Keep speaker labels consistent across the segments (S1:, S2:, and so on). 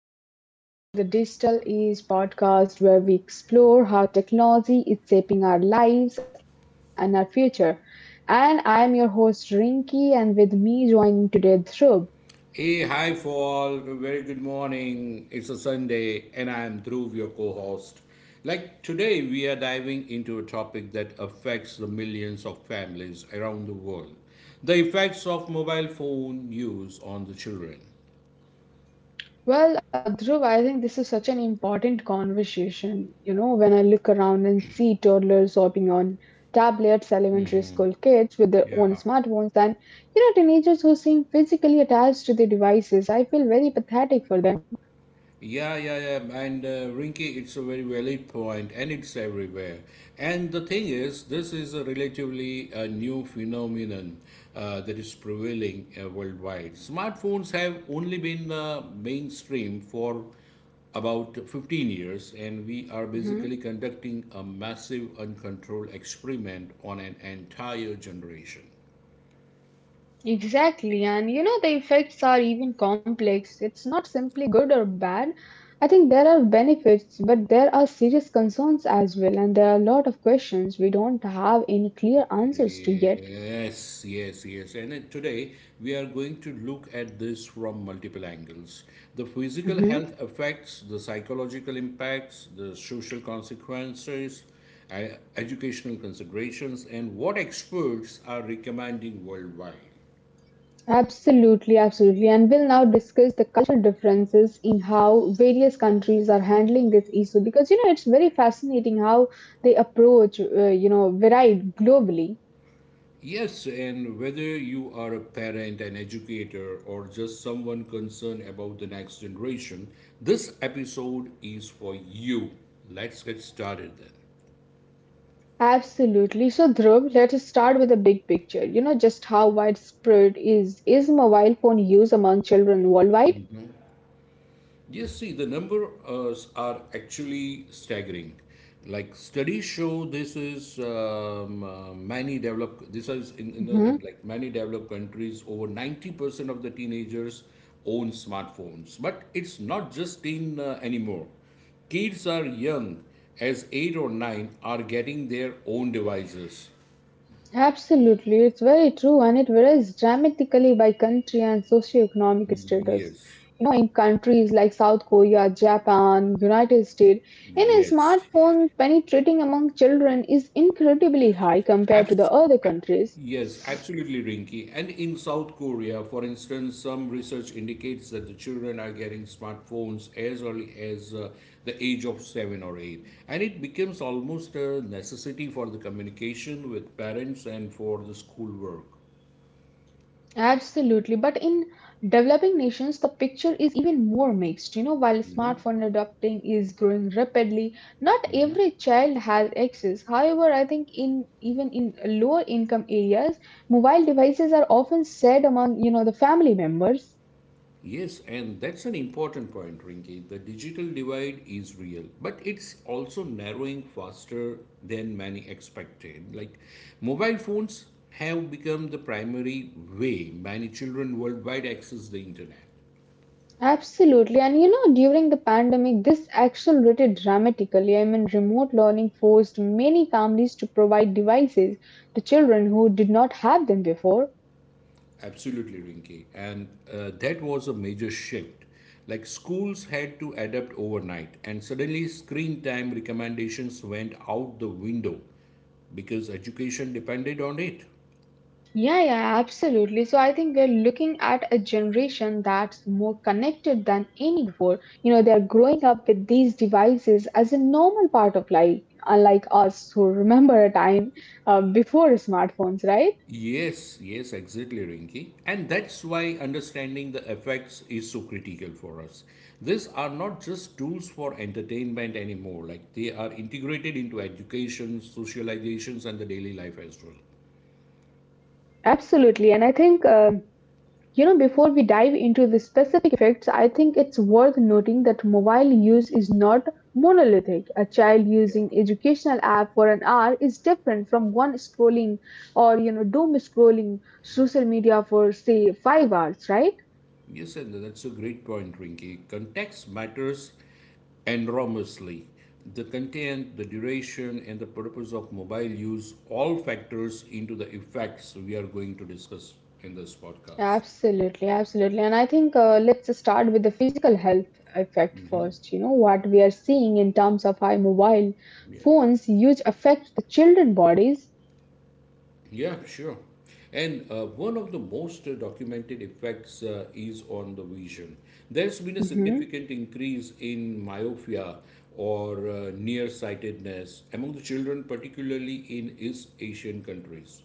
S1: everyone, and welcome back to the Digital Age podcast, where we explore how technology is shaping our lives and our future. And I'm your host, Rinki, and with me joining today, Dhruv.
S2: Hey, hi, fall. Very good morning. It's a Sunday, and I am Dhruv, your co host. Like today, we are diving into a topic that affects the millions of families around the world, the effects of mobile phone use on the children.
S1: Well, Dhruv, I think this is such an important conversation. You know, when I look around and see toddlers hopping on tablets, elementary school kids with their own
S2: Yeah.
S1: smartphones, and, you know, teenagers who seem physically attached to the devices, I feel very pathetic for them.
S2: Yeah, yeah, yeah. And Rinky, it's a very valid point, and it's everywhere. And the thing is, this is a relatively new phenomenon that is prevailing worldwide. Smartphones have only been mainstream for about 15 years, and we are basically conducting a massive, uncontrolled experiment on an entire generation.
S1: Exactly, and you know, the effects are even complex. It's not simply good or bad. I think there are benefits, but there are serious concerns as well, and there are a lot of questions we don't have any clear answers to yet.
S2: Yes, yes, yes. And today we are going to look at this from multiple angles: the physical
S1: Mhm.
S2: health effects, the psychological impacts, the social consequences, educational considerations, and what experts are recommending worldwide.
S1: Absolutely, absolutely. And we'll now discuss the cultural differences in how various countries are handling this issue because you know, it's very fascinating how they approach, you know, varied globally.
S2: Yes, and whether you are a parent, an educator, or just someone concerned about the next generation, this episode is for you. Let's get started then.
S1: Absolutely. So, Dhruv, let us start with the big picture. You know, just how widespread is mobile phone use among children worldwide?
S2: Yes, see, the numbers are actually staggering. Like studies show, this is many developed. This is in the
S1: Hmm.
S2: like many developed countries, over 90% of the teenagers own smartphones. But it's not just teen anymore. Kids are young, as eight or nine, are getting their own devices.
S1: Absolutely, it's very true, and it varies dramatically by country and socioeconomic status.
S2: Yes,
S1: You know, in countries like South Korea, Japan, United States, in a
S2: yes.
S1: smartphone penetrating among children is incredibly high compared to
S2: Abs-
S1: the other
S2: a-
S1: countries.
S2: yes, absolutely, Rinky. And in South Korea, for instance, some research indicates that the children are getting smartphones as early as the age of seven or eight. And it becomes almost a necessity for the communication with parents and for the schoolwork.
S1: Absolutely. But in developing nations, the picture is even more mixed. You know, while smartphone adopting is growing rapidly, not every child has access. However, I think in even in lower income areas, mobile devices are often shared among, you know, the family members.
S2: Yes, and that's an important point, Rinki. The digital divide is real, but it's also narrowing faster than many expected. Like, mobile phones have become the primary way many children worldwide access the internet.
S1: Absolutely. And you know, during the pandemic, this accelerated dramatically. I mean, remote learning forced many families to provide devices to children who did not have them before.
S2: Absolutely, Rinki. And that was a major shift. Like, schools had to adapt overnight, and suddenly screen time recommendations went out the window because education depended on it.
S1: Yeah, yeah, absolutely. So I think we're looking at a generation that's more connected than any before. You know, they're growing up with these devices as a normal part of life, unlike us who remember a time before smartphones, right?
S2: Yes, yes, exactly, Rinki. And that's why understanding the effects is so critical for us. These are not just tools for entertainment anymore, like they are integrated into education, socializations, and the daily life as well.
S1: Absolutely. And I think you know, before we dive into the specific effects, I think it's worth noting that mobile use is not monolithic. A child
S2: Yeah.
S1: using educational app for an hour is different from one scrolling or you know doom scrolling social media for say 5 hours, right?
S2: Yes, and that's a great point, Rinki. Context matters enormously. The content, the duration, and the purpose of mobile use all factors into the effects we are going to discuss in this podcast.
S1: Absolutely, absolutely. And I think let's start with the physical health effect first. You know, what we are seeing in terms of how mobile
S2: Yeah.
S1: phones use affect the children bodies.
S2: Yeah, sure. And one of the most documented effects is on the vision. There's been a significant increase in myopia, or nearsightedness, among the children, particularly in East Asian countries.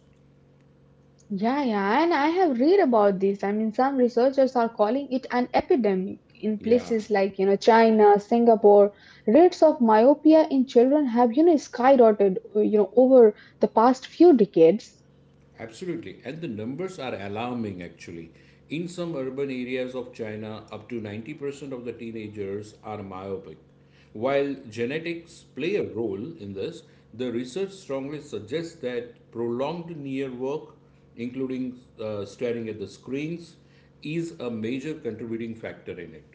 S1: Yeah, yeah, and I have read about this. I mean, some researchers are calling it an epidemic in
S2: Yeah.
S1: places like, you know, China, Singapore. Rates of myopia in children have, you know, skyrocketed, you know, over the past few decades.
S2: Absolutely. And the numbers are alarming, actually. In some urban areas of China, up to 90% of the teenagers are myopic. While genetics play a role in this, the research strongly suggests that prolonged near work, including staring at the screens, is a major contributing factor in it.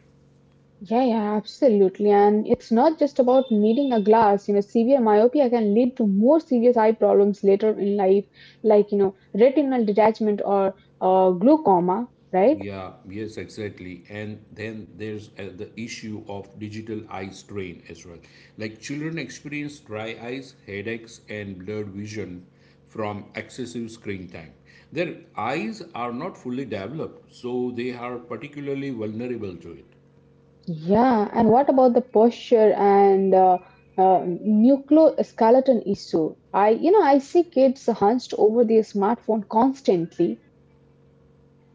S1: Yeah, yeah, absolutely. And it's not just about needing a glass. You know, severe myopia can lead to more serious eye problems later in life, like, you know, retinal detachment or glaucoma, right?
S2: Yeah, yes, exactly. And then there's the issue of digital eye strain as well. Like children experience dry eyes, headaches, and blurred vision from excessive screen time. Their eyes are not fully developed, so they are particularly vulnerable to it.
S1: Yeah, and what about the posture and nucleoskeleton issue? I, you know, I see kids hunched over their smartphone constantly.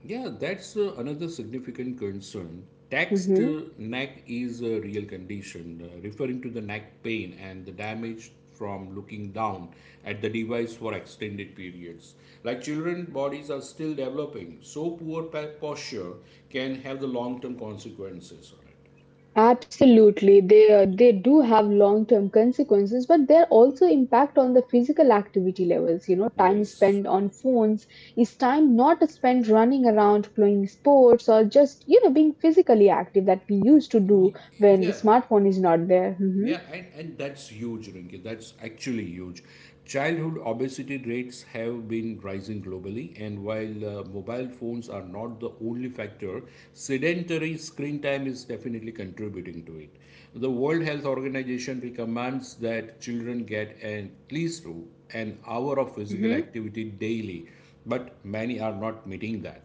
S2: Yeah, that's another significant concern. Taxed
S1: Hmm.
S2: neck is a real condition, referring to the neck pain and the damage from looking down at the device for extended periods. Like children, bodies are still developing, so poor posture can have the long term consequences on it.
S1: Absolutely, they do have long-term consequences, but they're also impact on the physical activity levels. You know, time
S2: Yes.
S1: spent on phones is time not spent running around, playing sports, or just you know being physically active that we used to do
S2: Y-
S1: when
S2: yeah.
S1: smartphone is not there. Hmm.
S2: Yeah, and that's huge, Rinki. That's actually huge. Childhood obesity rates have been rising globally, and while mobile phones are not the only factor, sedentary screen time is definitely contributing to it. The World Health Organization recommends that children get at least an hour of physical activity daily, but many are not meeting that.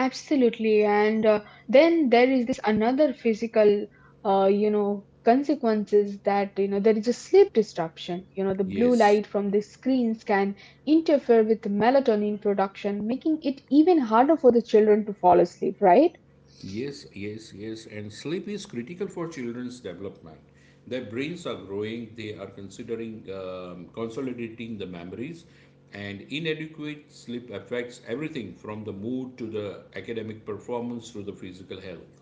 S1: Absolutely, and then there is this another physical, you know, consequences that you know there is a sleep disruption. You know, the blue
S2: Yes.
S1: light from the screens can interfere with melatonin production, making it even harder for the children to fall asleep. Right?
S2: Yes, yes, yes. And sleep is critical for children's development. Their brains are growing, they are considering consolidating the memories, and inadequate sleep affects everything from the mood to the academic performance to the physical health.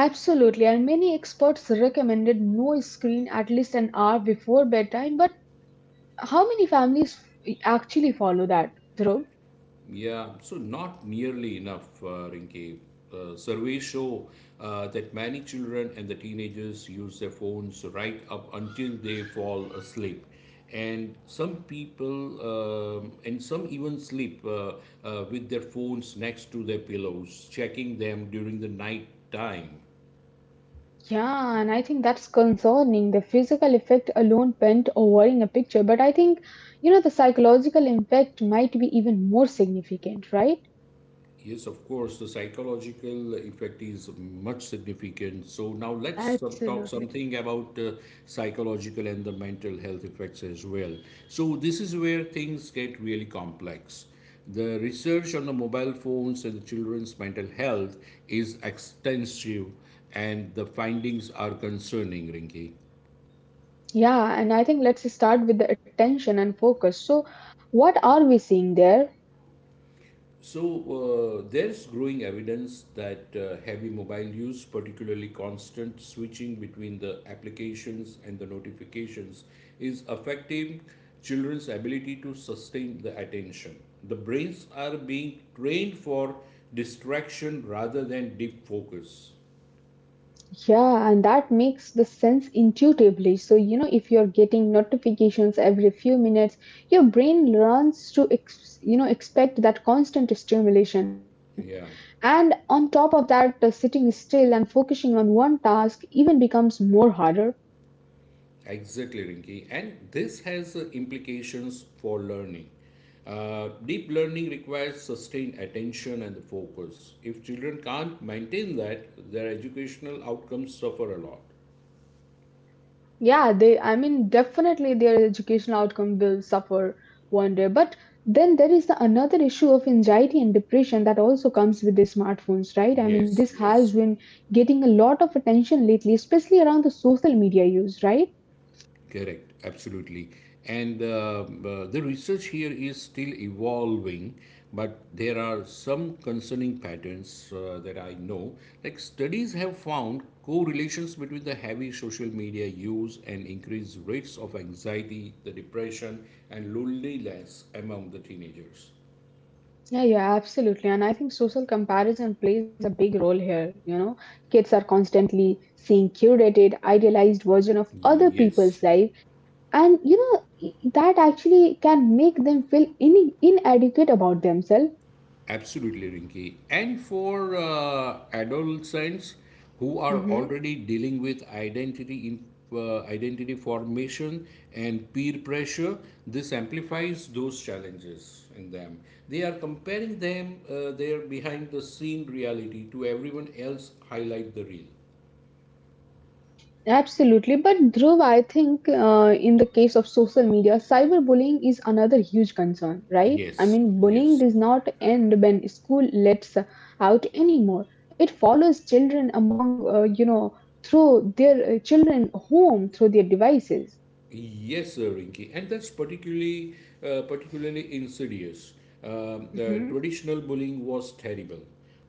S1: Absolutely, and many experts recommended no screen at least an hour before bedtime. But how many families actually follow that, Dhruv?
S2: Yeah, so not nearly enough, Rinke. Surveys show that many children and the teenagers use their phones right up until they fall asleep. And some people, and some even sleep with their phones next to their pillows, checking them during the night time.
S1: Yeah, and I think that's concerning. The physical effect alone bent over in a picture, but I think, you know, the psychological impact might be even more significant, right?
S2: Yes, of course, the psychological effect is much significant. So now let's talk
S1: Absolutely.
S2: something about psychological and the mental health effects as well. So this is where things get really complex. The research on the mobile phones and the children's mental health is extensive, and the findings are concerning, Rinki.
S1: Yeah, and I think let's start with the attention and focus. So, what are we seeing there?
S2: So, there's growing evidence that heavy mobile use, particularly constant switching between the applications and the notifications, is affecting children's ability to sustain the attention. The brains are being trained for distraction rather than deep focus.
S1: Yeah, and that makes the sense intuitively. So, you know, if you're getting notifications every few minutes, your brain learns to, you know, expect that constant stimulation.
S2: Yeah.
S1: And on top of that, sitting still and focusing on one task even becomes more harder.
S2: Exactly, Rinki. And this has implications for learning. Deep learning requires sustained attention and focus. If children can't maintain that, their educational outcomes suffer a lot.
S1: Yeah, they, I mean, definitely their educational outcome will suffer one day. But then there is the another issue of anxiety and depression that also comes with the smartphones, right? I mean, this
S2: Yes,
S1: has
S2: yes.
S1: been getting a lot of attention lately, especially around the social media use, right?
S2: Correct, absolutely. And the research here is still evolving, but there are some concerning patterns that I know. Like studies have found correlations between the heavy social media use and increased rates of anxiety, the depression, and loneliness among the teenagers.
S1: Yeah, yeah, absolutely. And I think social comparison plays a big role here. You know, kids are constantly seeing curated, idealized version of other
S2: Yes.
S1: people's life. And you know, that actually can make them feel inadequate about themselves.
S2: Absolutely, Rinki. And for adolescents who are
S1: Hmm.
S2: already dealing with identity formation and peer pressure, this amplifies those challenges in them. They are comparing them their behind the scene reality to everyone else highlight the real.
S1: Absolutely. But Dhruv, I think in the case of social media, cyberbullying is another huge concern, right? I
S2: Yes,
S1: mean, bullying
S2: yes.
S1: does not end when school lets out anymore. It follows children among, you know, through their children home, through their devices.
S2: Yes, Rinki, and that's particularly insidious. The traditional bullying was terrible,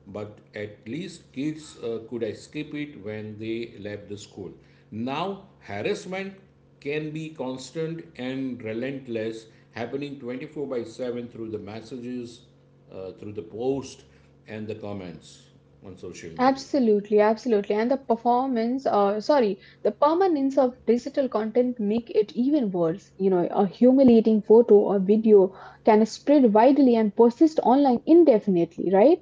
S2: but at least kids could escape it when they left the school. Now, harassment can be constant and relentless, happening 24 by 7 through the messages, through the post, and the comments on social media.
S1: Absolutely, absolutely. And the the permanence of digital content make it even worse. You know, a humiliating photo or video can spread widely and persist online indefinitely, right?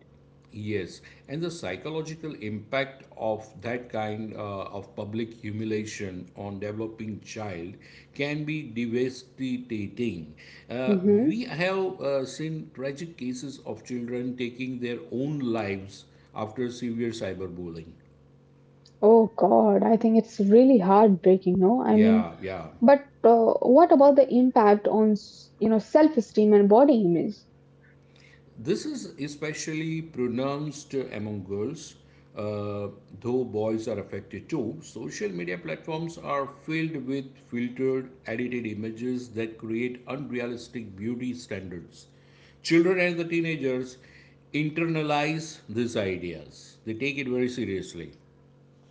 S2: Yes, and the psychological impact of that kind of public humiliation on developing child can be devastating. Uh,
S1: Mm-hmm.
S2: we have seen tragic cases of children taking their own lives after severe cyberbullying.
S1: Oh God, I think it's really heartbreaking, no? I mean,
S2: Yeah, yeah.
S1: but what about the impact on, you know, self-esteem and body image?
S2: This is especially pronounced among girls, uh, though boys are affected too. Social media platforms are filled with filtered, edited images that create unrealistic beauty standards. Children and the teenagers internalize these ideas, they take it very seriously.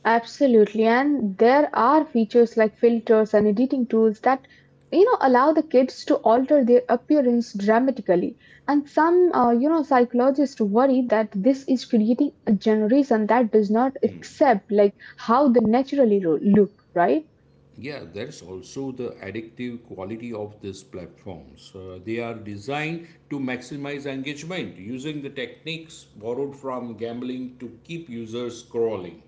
S1: Absolutely, and there are features like filters and editing tools that you know allow the kids to alter their appearance dramatically. And some you know psychologists worry that this is creating a generation that does not accept like how they naturally look, right?
S2: Yeah, that's also the addictive quality of these platforms. They are designed to maximize engagement using the techniques borrowed from gambling to keep users scrolling.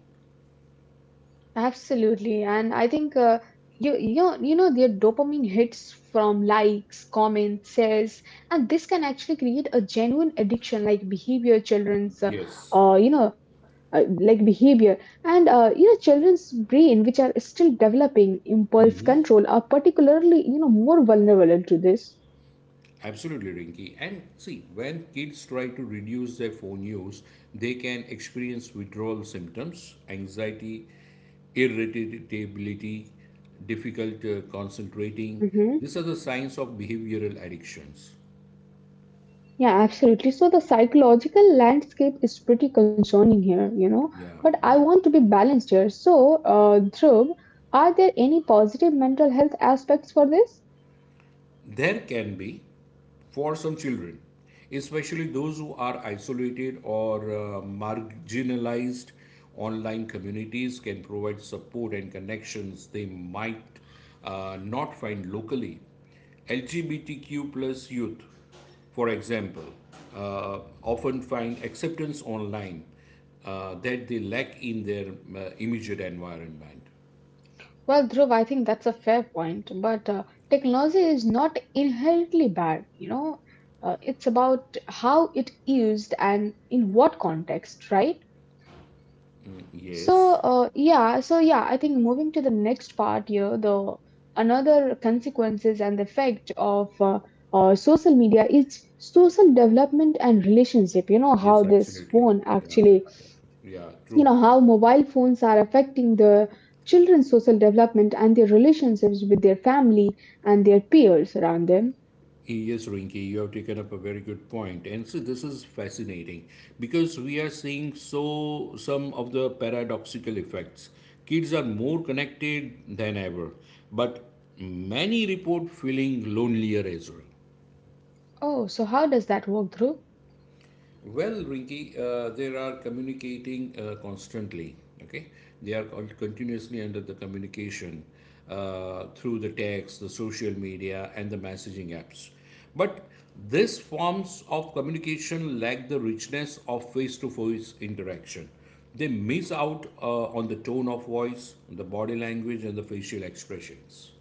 S1: Absolutely, and I think you know their dopamine hits from likes, comments, shares, and this can actually create a genuine addiction like behavior children's
S2: Yes,
S1: you know like behavior and you know children's brain which are still developing impulse control are particularly you know more vulnerable to this.
S2: absolutely, Rinky. And see, when kids try to reduce their phone use, they can experience withdrawal symptoms, anxiety, irritability, difficult concentrating. These are the signs of behavioral addictions.
S1: Yeah, absolutely. So the psychological landscape is pretty concerning here, you know.
S2: Yeah,
S1: But I
S2: yeah.
S1: want to be balanced here. So, Dhruv, are there any positive mental health aspects for this?
S2: There can be for some children, especially those who are isolated or marginalized. Online communities can provide support and connections they might not find locally. LGBTQ plus youth, for example, often find acceptance online that they lack in their immediate environment.
S1: Well, Dhruv, I think that's a fair point, but technology is not inherently bad, you know. It's about how it used and in what context, right? So,
S2: Yes,
S1: yeah, I think moving to the next part here, the another consequences and the effect of social media is social development and relationship you know
S2: yes,
S1: how this
S2: absolutely.
S1: phone
S2: Yeah,
S1: actually
S2: yeah, yeah, yeah,
S1: you know
S2: true.
S1: how mobile phones are affecting the children's social development and their relationships with their family and their peers around them.
S2: Yes, Rinki, you have taken up a very good point. And see, this is fascinating because we are seeing so some of the paradoxical effects. Kids are more connected than ever, but many report feeling lonelier as well.
S1: Oh, so how does that work through?
S2: Well, Rinki, they are communicating constantly. Okay, they are continuously under the communication through the text, the social media, and the messaging apps. But these forms of communication lack the richness of face-to-face interaction. They miss out on the tone of voice, the body language, and the facial expressions.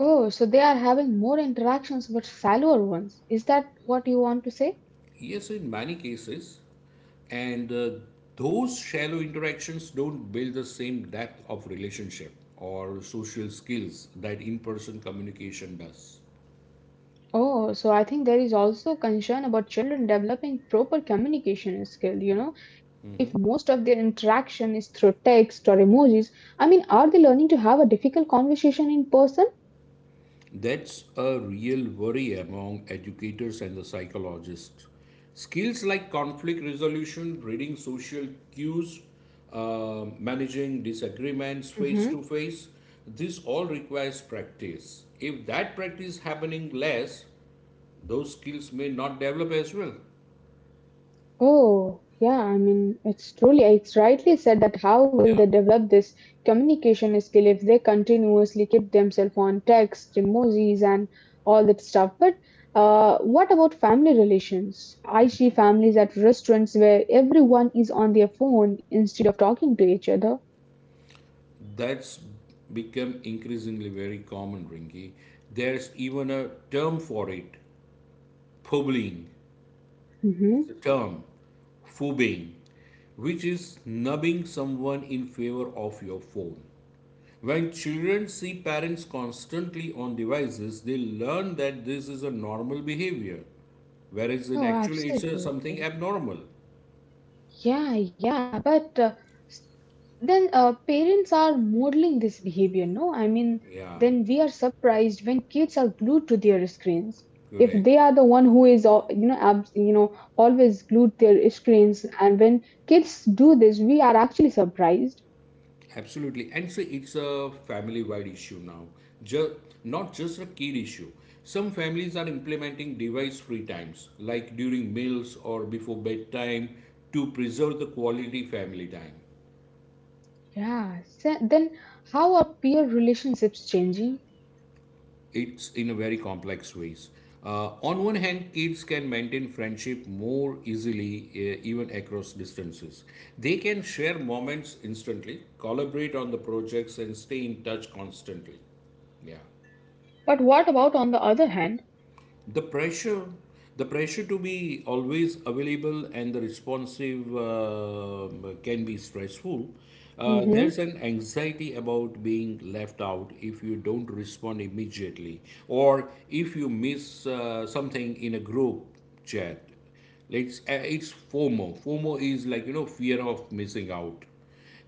S1: Oh, so they are having more interactions but shallower ones, is that what you want to say?
S2: Yes, in many cases. And those shallow interactions don't build the same depth of relationship or social skills that in person communication does.
S1: Oh, so I think there is also concern about children developing proper communication skill. You know, if most of their interaction is through text or emojis, I mean, are they learning to have a difficult conversation in person?
S2: That's a real worry among educators and the psychologists. Skills like conflict resolution, reading social cues, managing disagreements face
S1: Mhm.
S2: to face, this all requires practice. If that practice happening less, those skills may not develop as well.
S1: Oh, yeah, I mean, it's truly, it's rightly said that how will
S2: Yeah.
S1: they develop this communication skill if they continuously keep themselves on text, emojis, and all that stuff. But what about family relations? I see families at restaurants where everyone is on their phone instead of talking to each other.
S2: That's become increasingly very common, Rinki. There's even a term for it, publing. It's a
S1: Mm-hmm.
S2: term, phobing, which is numbing someone in favor of your phone. When children see parents constantly on devices, they learn that this is a normal behavior, whereas in
S1: Oh,
S2: actually it's a, something
S1: absolutely.
S2: abnormal.
S1: Yeah, yeah, but Then parents are modeling this behavior, no? I mean,
S2: Yeah,
S1: then we are surprised when kids are glued to their screens. If
S2: correct.
S1: they are the one who is, you know, always glued to their screens, and when kids do this, we are actually surprised.
S2: Absolutely, and so it's a family-wide issue now, just not just a kid issue. Some families are implementing device-free times, like during meals or before bedtime, to preserve the quality family time.
S1: Yeah. Then how are peer relationships changing?
S2: It's in a very complex ways. On one hand, kids can maintain friendship more easily, even across distances. They can share moments instantly, collaborate on the projects, and stay in touch constantly. Yeah.
S1: But what about on the other hand?
S2: the pressure the pressure to be always available and the responsive can be stressful.
S1: Mm-hmm.
S2: There's an anxiety about being left out if you don't respond immediately or if you miss something in a group chat. It's fomo. is, like, you know, fear of missing out,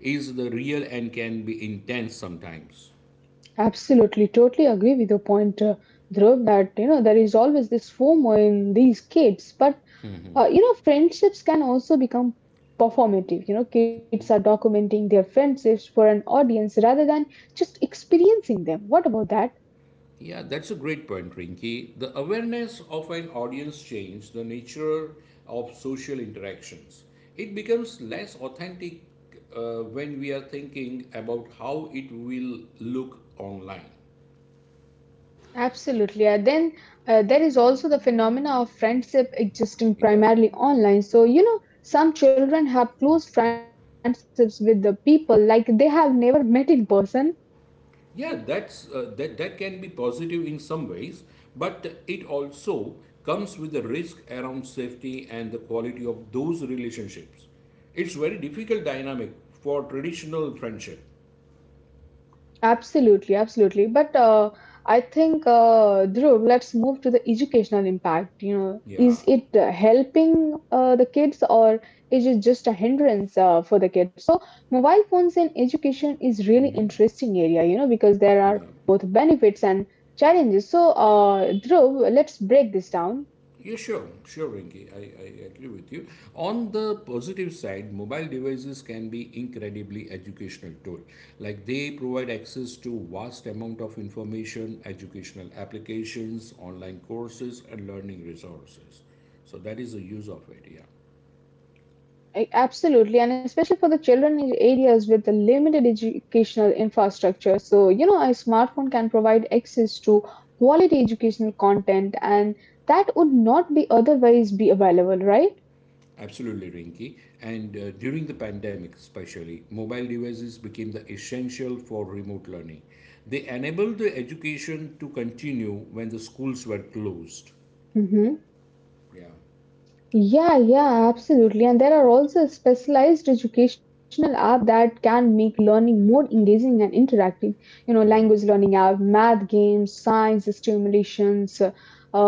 S2: is the real and can be intense sometimes.
S1: Absolutely, totally agree with your point, Dhruv, that you know there is always this FOMO in these kids. But you know, friendships can also become performative. You know, kids are documenting their friendships for an audience rather than just experiencing them. What about that?
S2: Yeah, that's a great point, Rinki. The awareness of an audience changes the nature of social interactions. It becomes less authentic when we are thinking about how it will look online.
S1: Absolutely. And then there is also the phenomena of friendship
S2: Yeah.
S1: existing primarily online. So, you know, some children have close friendships with the people like they have never met in person.
S2: That can be positive in some ways, but it also comes with a risk around safety and the quality of those relationships. It's very difficult dynamic for traditional friendship.
S1: Absolutely, absolutely. But I think, Dhruv, let's move to the educational impact. You know,
S2: Yeah,
S1: is it helping the kids or is it just a hindrance for the kids? So, mobile phones in education is really interesting area. You know, because there are
S2: yeah.
S1: both benefits and challenges. So, Dhruv, let's break this down.
S2: Yeah, sure, Rinki. I agree with you. On the positive side, mobile devices can be incredibly educational tool. Like they provide access to vast amount of information, educational applications, online courses, and learning resources. So that is the use of it. Yeah,
S1: Absolutely, and especially for the children in areas with the limited educational infrastructure. So, you know, a smartphone can provide access to quality educational content, and that would not be otherwise be available, right?
S2: absolutely, Rinki. And during the pandemic, especially, mobile devices became the essential for remote learning. They enabled the education to continue when the schools were closed.
S1: Mhm.
S2: Yeah.
S1: Yeah, yeah, absolutely. And there are also specialized educational app that can make learning more engaging and interactive. You know, language
S2: Right.
S1: learning app, math games, science stimulations,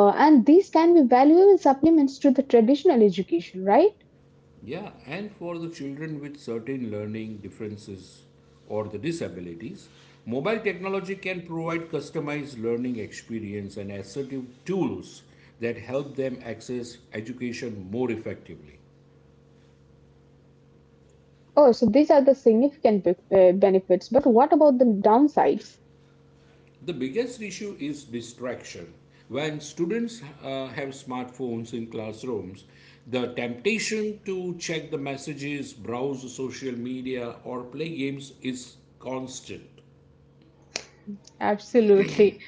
S1: and these can be valuable supplements to the traditional education, right?
S2: Yeah, and for the children with certain learning differences or the disabilities, mobile technology can provide customized learning experience and assertive tools that help them access education more effectively.
S1: Oh, so these are the significant benefits. But what about the downsides?
S2: The biggest issue is distraction. When students have smartphones in classrooms, the temptation to check the messages, browse social media, or play games is constant.
S1: Absolutely.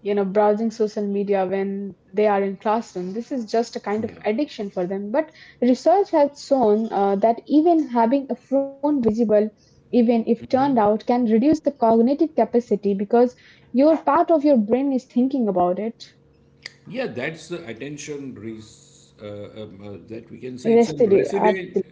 S1: You know, browsing social media when they are in classroom, this is just a kind of
S2: Yeah.
S1: addiction for them. But research has shown that even having a phone visible, even if turned out, can reduce the cognitive capacity because your part of your brain is thinking about it.
S2: Yeah, that's the attention res- That we can say it's a
S1: Residue,
S2: resident
S1: absolutely.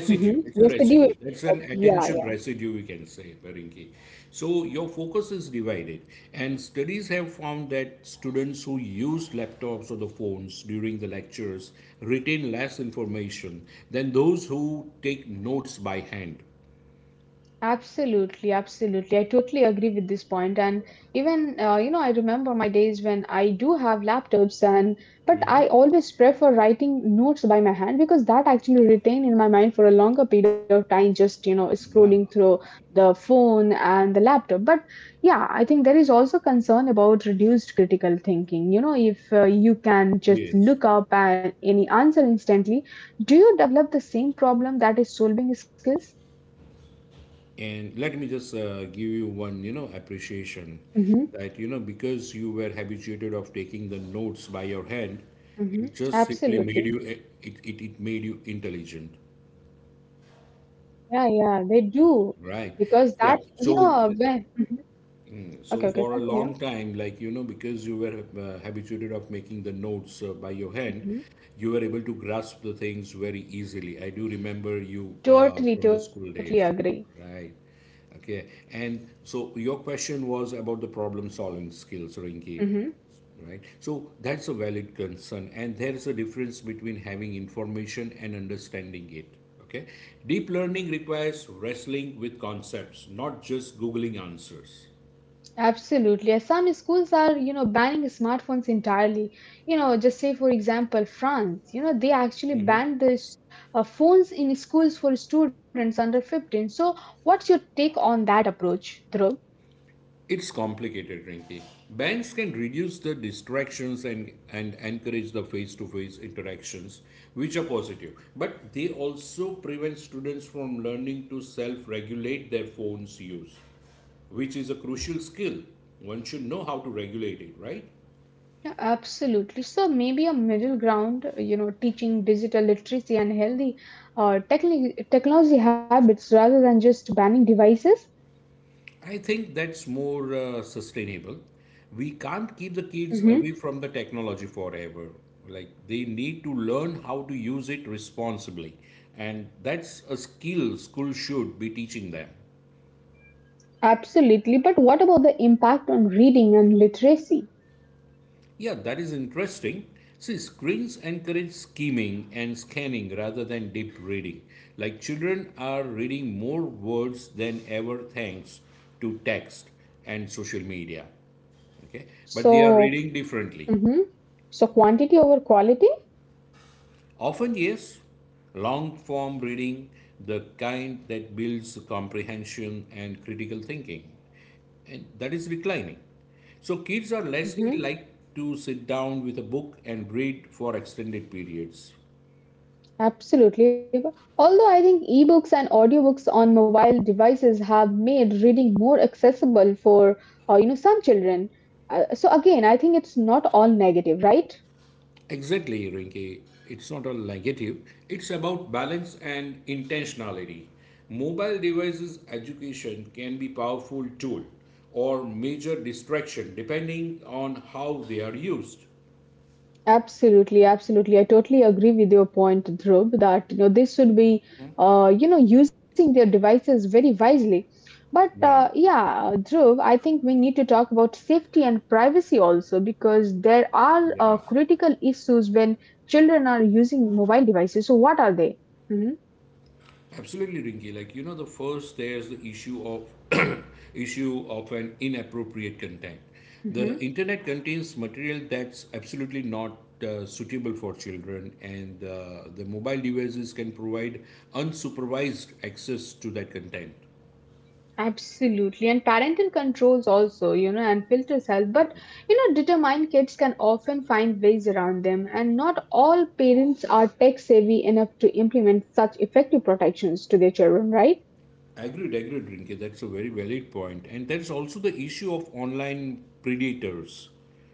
S1: Hmm,
S2: It's a
S1: residue
S2: residue. That's
S1: effect,
S2: an
S1: yeah.
S2: attention residue, we can say, Barinki. So your focus is divided, and studies have found that students who used laptops or the phones during the lectures retain less information than those who take notes by hand.
S1: Absolutely, absolutely. I totally agree with this point. And even you know, I remember my days when I do have laptops, and but I always prefer writing notes by my hand because that actually retain in my mind for a longer period of time. Just
S2: Yeah.
S1: scrolling through the phone and the laptop. But yeah, I think there is also concern about reduced critical thinking. You know, if you can just
S2: Yes.
S1: look up at any answer instantly, do you develop the same problem that is solving skills?
S2: And let me just give you one, appreciation
S1: Mm-hmm.
S2: that, you know, because you were habituated of taking the notes by your hand, it
S1: Hmm.
S2: just simply made you,
S1: Absolutely.
S2: it made you intelligent,
S1: Yeah, yeah, they do.
S2: right?
S1: Because
S2: Yeah.
S1: that, you
S2: So
S1: know, when, mhm.
S2: So
S1: Okay, okay,
S2: for a
S1: continue.
S2: long time, like you know, because you were habituated of making the notes by your hand,
S1: Mhm.
S2: you were able to grasp the things very easily. I do remember you
S1: Totally,
S2: from the
S1: totally
S2: school days,
S1: agree.
S2: right? Okay, and so your question was about the problem solving skills, Rinki.
S1: Hmm.
S2: Right. So that's a valid concern, and there is a difference between having information and understanding it. Okay. Deep learning requires wrestling with concepts, not just Googling answers.
S1: Absolutely. As some schools are, you know, banning smartphones entirely. You know, just say, for example, France, you know, they actually banned this phones in schools for students under 15. So, what's your take on that approach, Dhruv?
S2: It's complicated, Rinki. Banks can reduce the distractions and encourage the face to face interactions, which are positive. But they also prevent students from learning to self regulate their phone's use, which is a crucial skill. One should know how to regulate it, right?
S1: Absolutely. So maybe a middle ground, you know, teaching digital literacy and healthy technology habits rather than just banning devices.
S2: I think that's more sustainable. We can't keep the kids
S1: Hmm.
S2: away from the technology forever. Like they need to learn how to use it responsibly, and that's a skill school should be teaching them.
S1: Absolutely. But what about the impact on reading and literacy?
S2: Yeah, that is interesting. See, screens encourage scheming and scanning rather than deep reading. Like children are reading more words than ever thanks to text and social media. Okay, but they are
S1: So,
S2: reading differently.
S1: hmm, so quantity over quality?
S2: Often, yes, long form reading, the kind that builds comprehension and critical thinking, and that is declining. So, kids are less
S1: Hmm.
S2: like to sit down with a book and read for extended periods.
S1: Absolutely. But although I think ebooks and audiobooks on mobile devices have made reading more accessible for, you know, some children. So again, I think it's not all negative, right?
S2: Exactly, Rinki. It's not a negative, it's about balance and intentionality. Mobile devices education can be powerful tool or major distraction depending on how they are used.
S1: Absolutely, absolutely. I totally agree with your point, Dhruv, that you know they should be you know, using their devices very wisely. But
S2: Yeah,
S1: Yeah, Dhruv, I think we need to talk about safety and privacy also because there are
S2: yeah.
S1: critical issues when children are using mobile devices. So what are they?
S2: Absolutely, Rinky. Like you know, the first there's the issue of issue of an inappropriate content. The
S1: Hmm.
S2: internet contains material that's absolutely not suitable for children, and the mobile devices can provide unsupervised access to that content.
S1: Absolutely, and parental controls also, you know, and filters help. But you know, determined kids can often find ways around them, and not all parents are tech savvy enough to implement such effective protections to their children, right?
S2: Agreed, Rinke. That's a very valid point. And there's also the issue of online predators,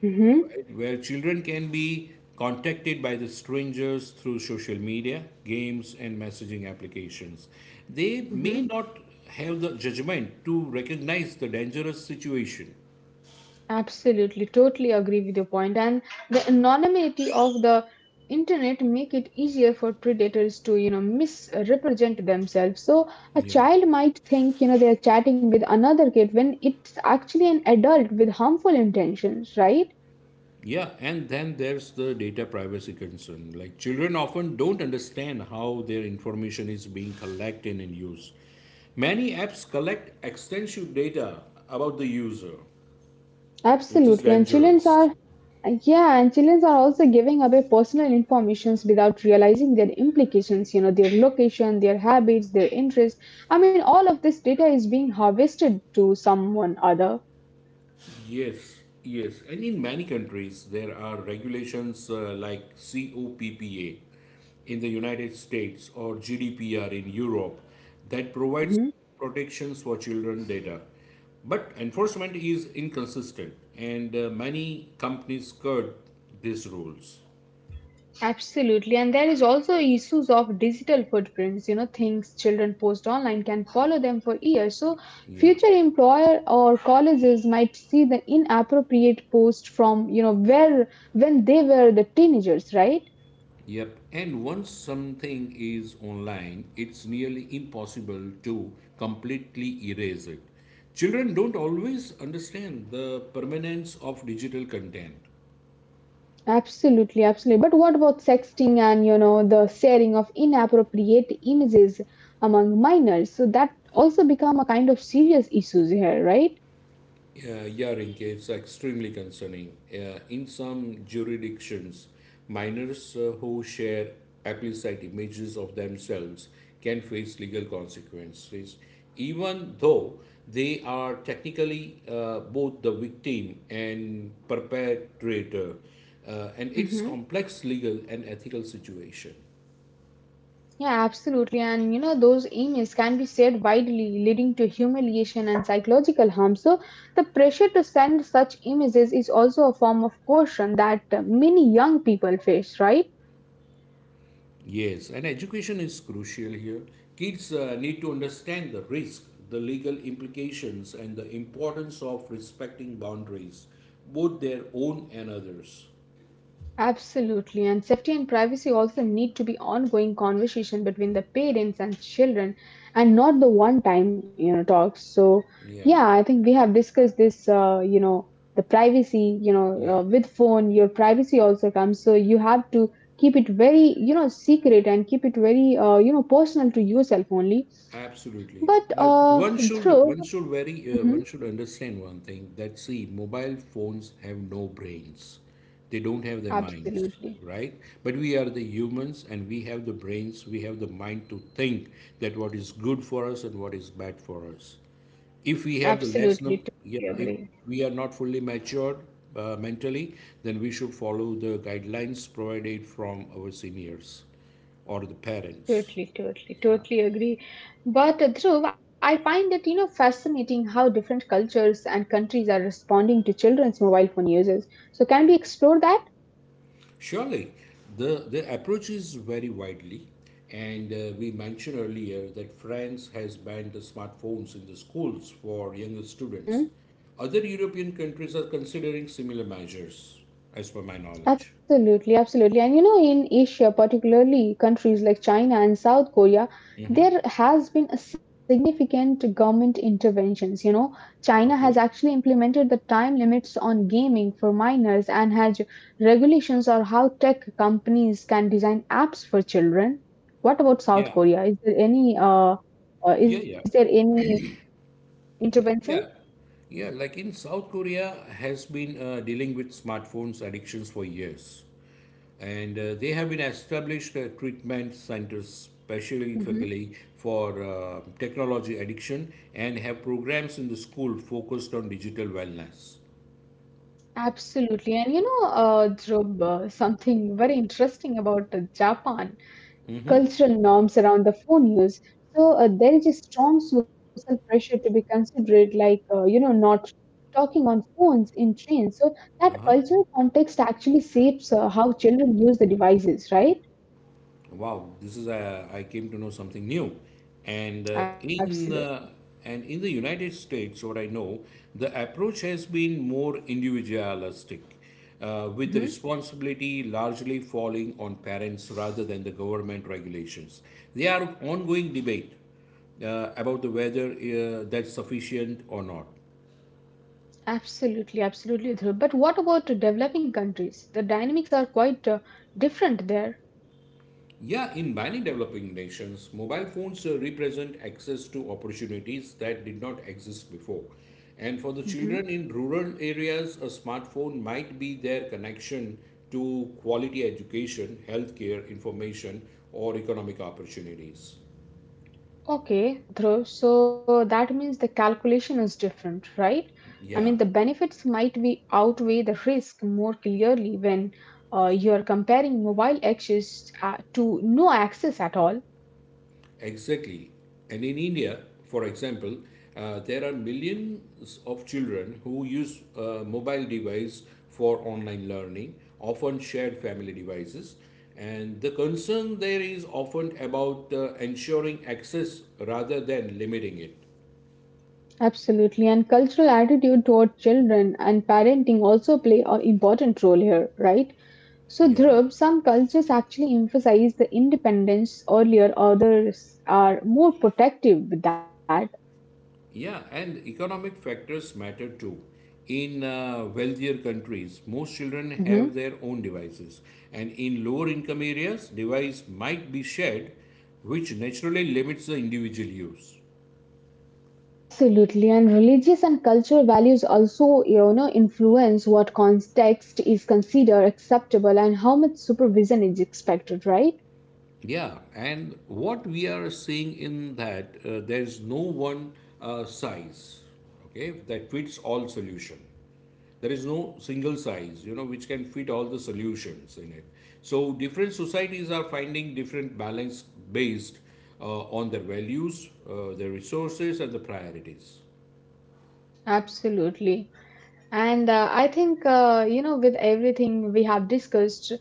S1: Mm-hmm.
S2: where children can be contacted by the strangers through social media, games, and messaging applications. They may not have the judgment to recognize the dangerous situation.
S1: Absolutely, totally agree with your point. And the anonymity of the internet make it easier for predators to, you know, misrepresent themselves. So a
S2: Yeah.
S1: child might think, you know, they are chatting with another kid when it's actually an adult with harmful intentions, right?
S2: Yeah, and then there's the data privacy concern. Like children often don't understand how their information is being collected and used. Many apps collect extensive data about the user, which is
S1: Absolutely. And children
S2: dangerous.
S1: are, yeah, and children are also giving away personal informations without realizing their implications, you know, their location, their habits, their interests. I mean, all of this data is being harvested to someone other.
S2: Yes. And in many countries, there are regulations like COPPA in the United States or GDPR in Europe that provides
S1: Mhm.
S2: protections for children data. But enforcement is inconsistent, and many companies skirt these rules.
S1: Absolutely. And there is also issues of digital footprints, you know, things children post online can follow them for years. So
S2: Yeah.
S1: future employer or colleges might see the inappropriate post from, you know, where when they were the teenagers, right?
S2: Yep, and once something is online, it's nearly impossible to completely erase it. Children don't always understand the permanence of digital content.
S1: Absolutely, absolutely. But what about sexting and, you know, the sharing of inappropriate images among minors? So that also become a kind of serious issues here, right?
S2: Earring is extremely concerning. In some jurisdictions, minors who share explicit images of themselves can face legal consequences, even though they are technically both the victim and perpetrator. And it's complex legal and ethical situation.
S1: Yeah, absolutely. And you know, those emails can be shared widely, leading to humiliation and psychological harm. So, the pressure to send such images is also a form of coercion that many young people face, right?
S2: Yes, and education is crucial here. Kids need to understand the risk, the legal implications, and the importance of respecting boundaries, both their own and others.
S1: Absolutely, and safety and privacy also need to be ongoing conversation between the parents and children, and not the one-time talks. So yeah,
S2: Yeah,
S1: I think we have discussed this. You know, the privacy. You know,
S2: yeah.
S1: with phone, your privacy also comes. So you have to keep it very secret and keep it very you know, personal to yourself only.
S2: Absolutely.
S1: But Through,
S2: One
S1: mhm,
S2: should understand one thing that see mobile phones have no brains. They don't have their minds,
S1: absolutely,
S2: right? But we are the humans and we have the brains, we have the mind to think that what is good for us and what is bad for us. If we have the less num
S1: absolutely,
S2: yeah,
S1: totally
S2: if
S1: agree.
S2: we are not fully matured mentally, then we should follow the guidelines provided from our seniors or the parents.
S1: Totally, totally, totally agree. But Dhruv, I find it, you know, fascinating how different cultures and countries are responding to children's mobile phone uses. So can we explore that?
S2: Surely, the approaches vary widely, and we mentioned earlier that France has banned the smartphones in the schools for younger students.
S1: Mhm.
S2: Other European countries are considering similar measures, as per my knowledge.
S1: Absolutely, absolutely. And you know, in Asia, particularly countries like China and South Korea, there has been a significant government interventions. You know, China has
S2: Okay.
S1: actually implemented the time limits on gaming for minors and has regulations on how tech companies can design apps for children. What about South
S2: Yeah.
S1: Korea? Is
S2: Yeah.
S1: there
S2: Yeah.
S1: any intervention?
S2: Yeah. Yeah. Like in South Korea, has been dealing with smartphones addictions for years. And they have been established treatment centers
S1: Hmm.
S2: specifically for technology addiction and have programs in the school focused on digital wellness.
S1: Absolutely. And you know, Dhruv, something very interesting about Japan. Cultural norms around the phone use. So there is a strong social pressure to be considerate, like you know, not talking on phones in trains. So that
S2: Uh-huh.
S1: cultural context actually shapes how children use the devices, right?
S2: Wow, this is I came to know something new, and uh,
S1: Absolutely.
S2: in the and in the United States, what I know, the approach has been more individualistic, with the
S1: Hmm.
S2: responsibility largely falling on parents rather than the government regulations. There are ongoing debate about the whether that's sufficient or not.
S1: Absolutely, absolutely. Dhruv. But what about the developing countries? The dynamics are quite different there.
S2: Yeah, in many developing nations, mobile phones represent access to opportunities that did not exist before. And for the children in rural areas, a smartphone might be their connection to quality education, healthcare, information, or economic opportunities.
S1: Okay, Dhruv, so that means the calculation is different, right? I mean, the
S2: Yeah.
S1: benefits might be outweigh the risk more clearly when you are comparing mobile access to no access at all.
S2: Exactly. And in India, for example, there are millions of children who use mobile device for online learning, often shared family devices. And the concern there is often about ensuring access rather than limiting it.
S1: Absolutely, and cultural attitude toward children and parenting also play an important role here, right? So,
S2: Yeah.
S1: Dhruv, some cultures actually emphasize the independence earlier, others are more protective with that.
S2: Yeah, and economic factors matter too. In wealthier countries, most children
S1: Mm-hmm.
S2: have their own devices, and in lower income areas, device might be shared, which naturally limits the individual use.
S1: Absolutely, and religious and cultural values also, you know, influence what context is considered acceptable and how much supervision is expected, right?
S2: Yeah, and what we are seeing in that there's no one size, okay, that fits all solution. There is no single size you know which can fit all the solutions in it, so different societies are finding different balance based on their values, their resources and the priorities.
S1: Absolutely. And I think, you know, with everything we have discussed,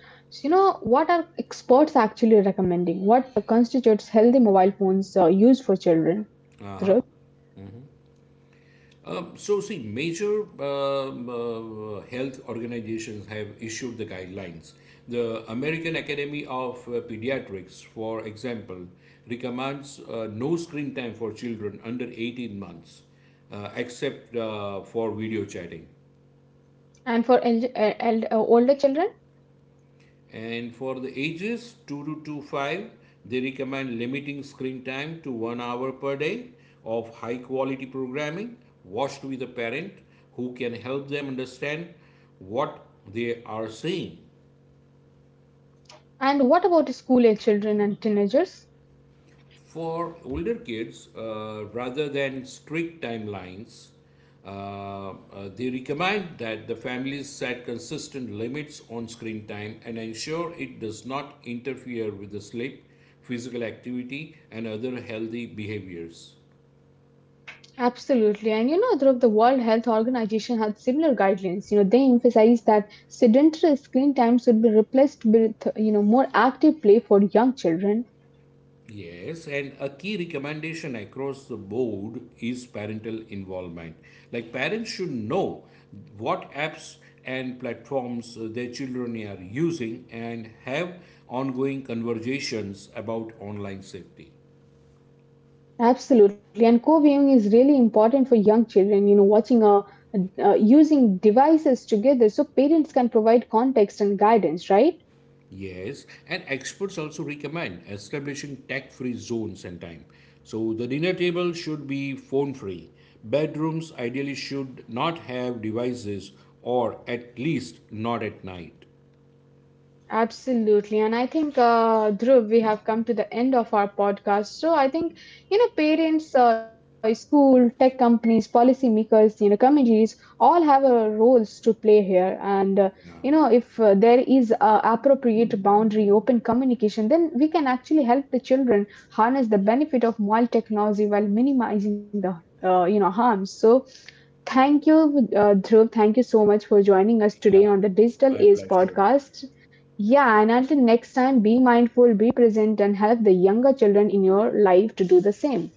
S1: you know, what are experts actually recommending? What constitutes healthy mobile phones used for children, Dhruv?
S2: Uh-huh. So see major health organizations have issued the guidelines, the American Academy of Pediatrics for example recommends no screen time for children under 18 months, except for video chatting.
S1: And for older children?
S2: And for the ages 2 to 25, they recommend limiting screen time to 1 hour per day of high quality programming watched with a parent who can help them understand what they are seeing.
S1: And what about school age children and teenagers?
S2: For older kids, rather than strict timelines, uh, uh, they recommend that the families set consistent limits on screen time and ensure it does not interfere with the sleep, physical activity, and other healthy behaviors.
S1: Absolutely. And you know, Dhruv, the World Health Organization had similar guidelines. You know, they emphasized that sedentary screen time should be replaced with, you know, more active play for young children.
S2: Yes, and a key recommendation across the board is parental involvement. Like parents should know what apps and platforms their children are using and have ongoing conversations about online safety.
S1: Absolutely. And co-viewing is really important for young children, you know, watching a, using devices together so parents can provide context and guidance, right?
S2: Yes, and experts also recommend establishing tech free zones and time. So the dinner table should be phone free. Bedrooms ideally should not have devices or at least not at night.
S1: Absolutely. And I think, Dhruv, we have come to the end of our podcast. So I think, you know, parents, school, tech companies, policymakers, you know, communities all have roles to play here. And, you
S2: Yeah.
S1: know, if there is appropriate boundary, open communication, then we can actually help the children harness the benefit of mobile technology while minimizing the, you know, harms. So thank you, Dhruv. Thank you so much for joining us
S2: Yeah,
S1: today on the Digital
S2: my
S1: Age
S2: pleasure.
S1: podcast. Yeah, and until next time, be mindful, be present, and help the younger children in your life to do the same.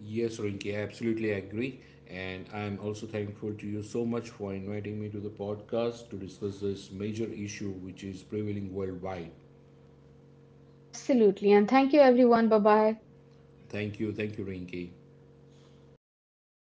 S2: Yes, Rinki, I absolutely agree. And I'm also thankful to you so much for inviting me to the podcast to discuss this major issue which is prevailing worldwide.
S1: Absolutely. And thank you, everyone. Bye bye.
S2: Thank you, Rinki.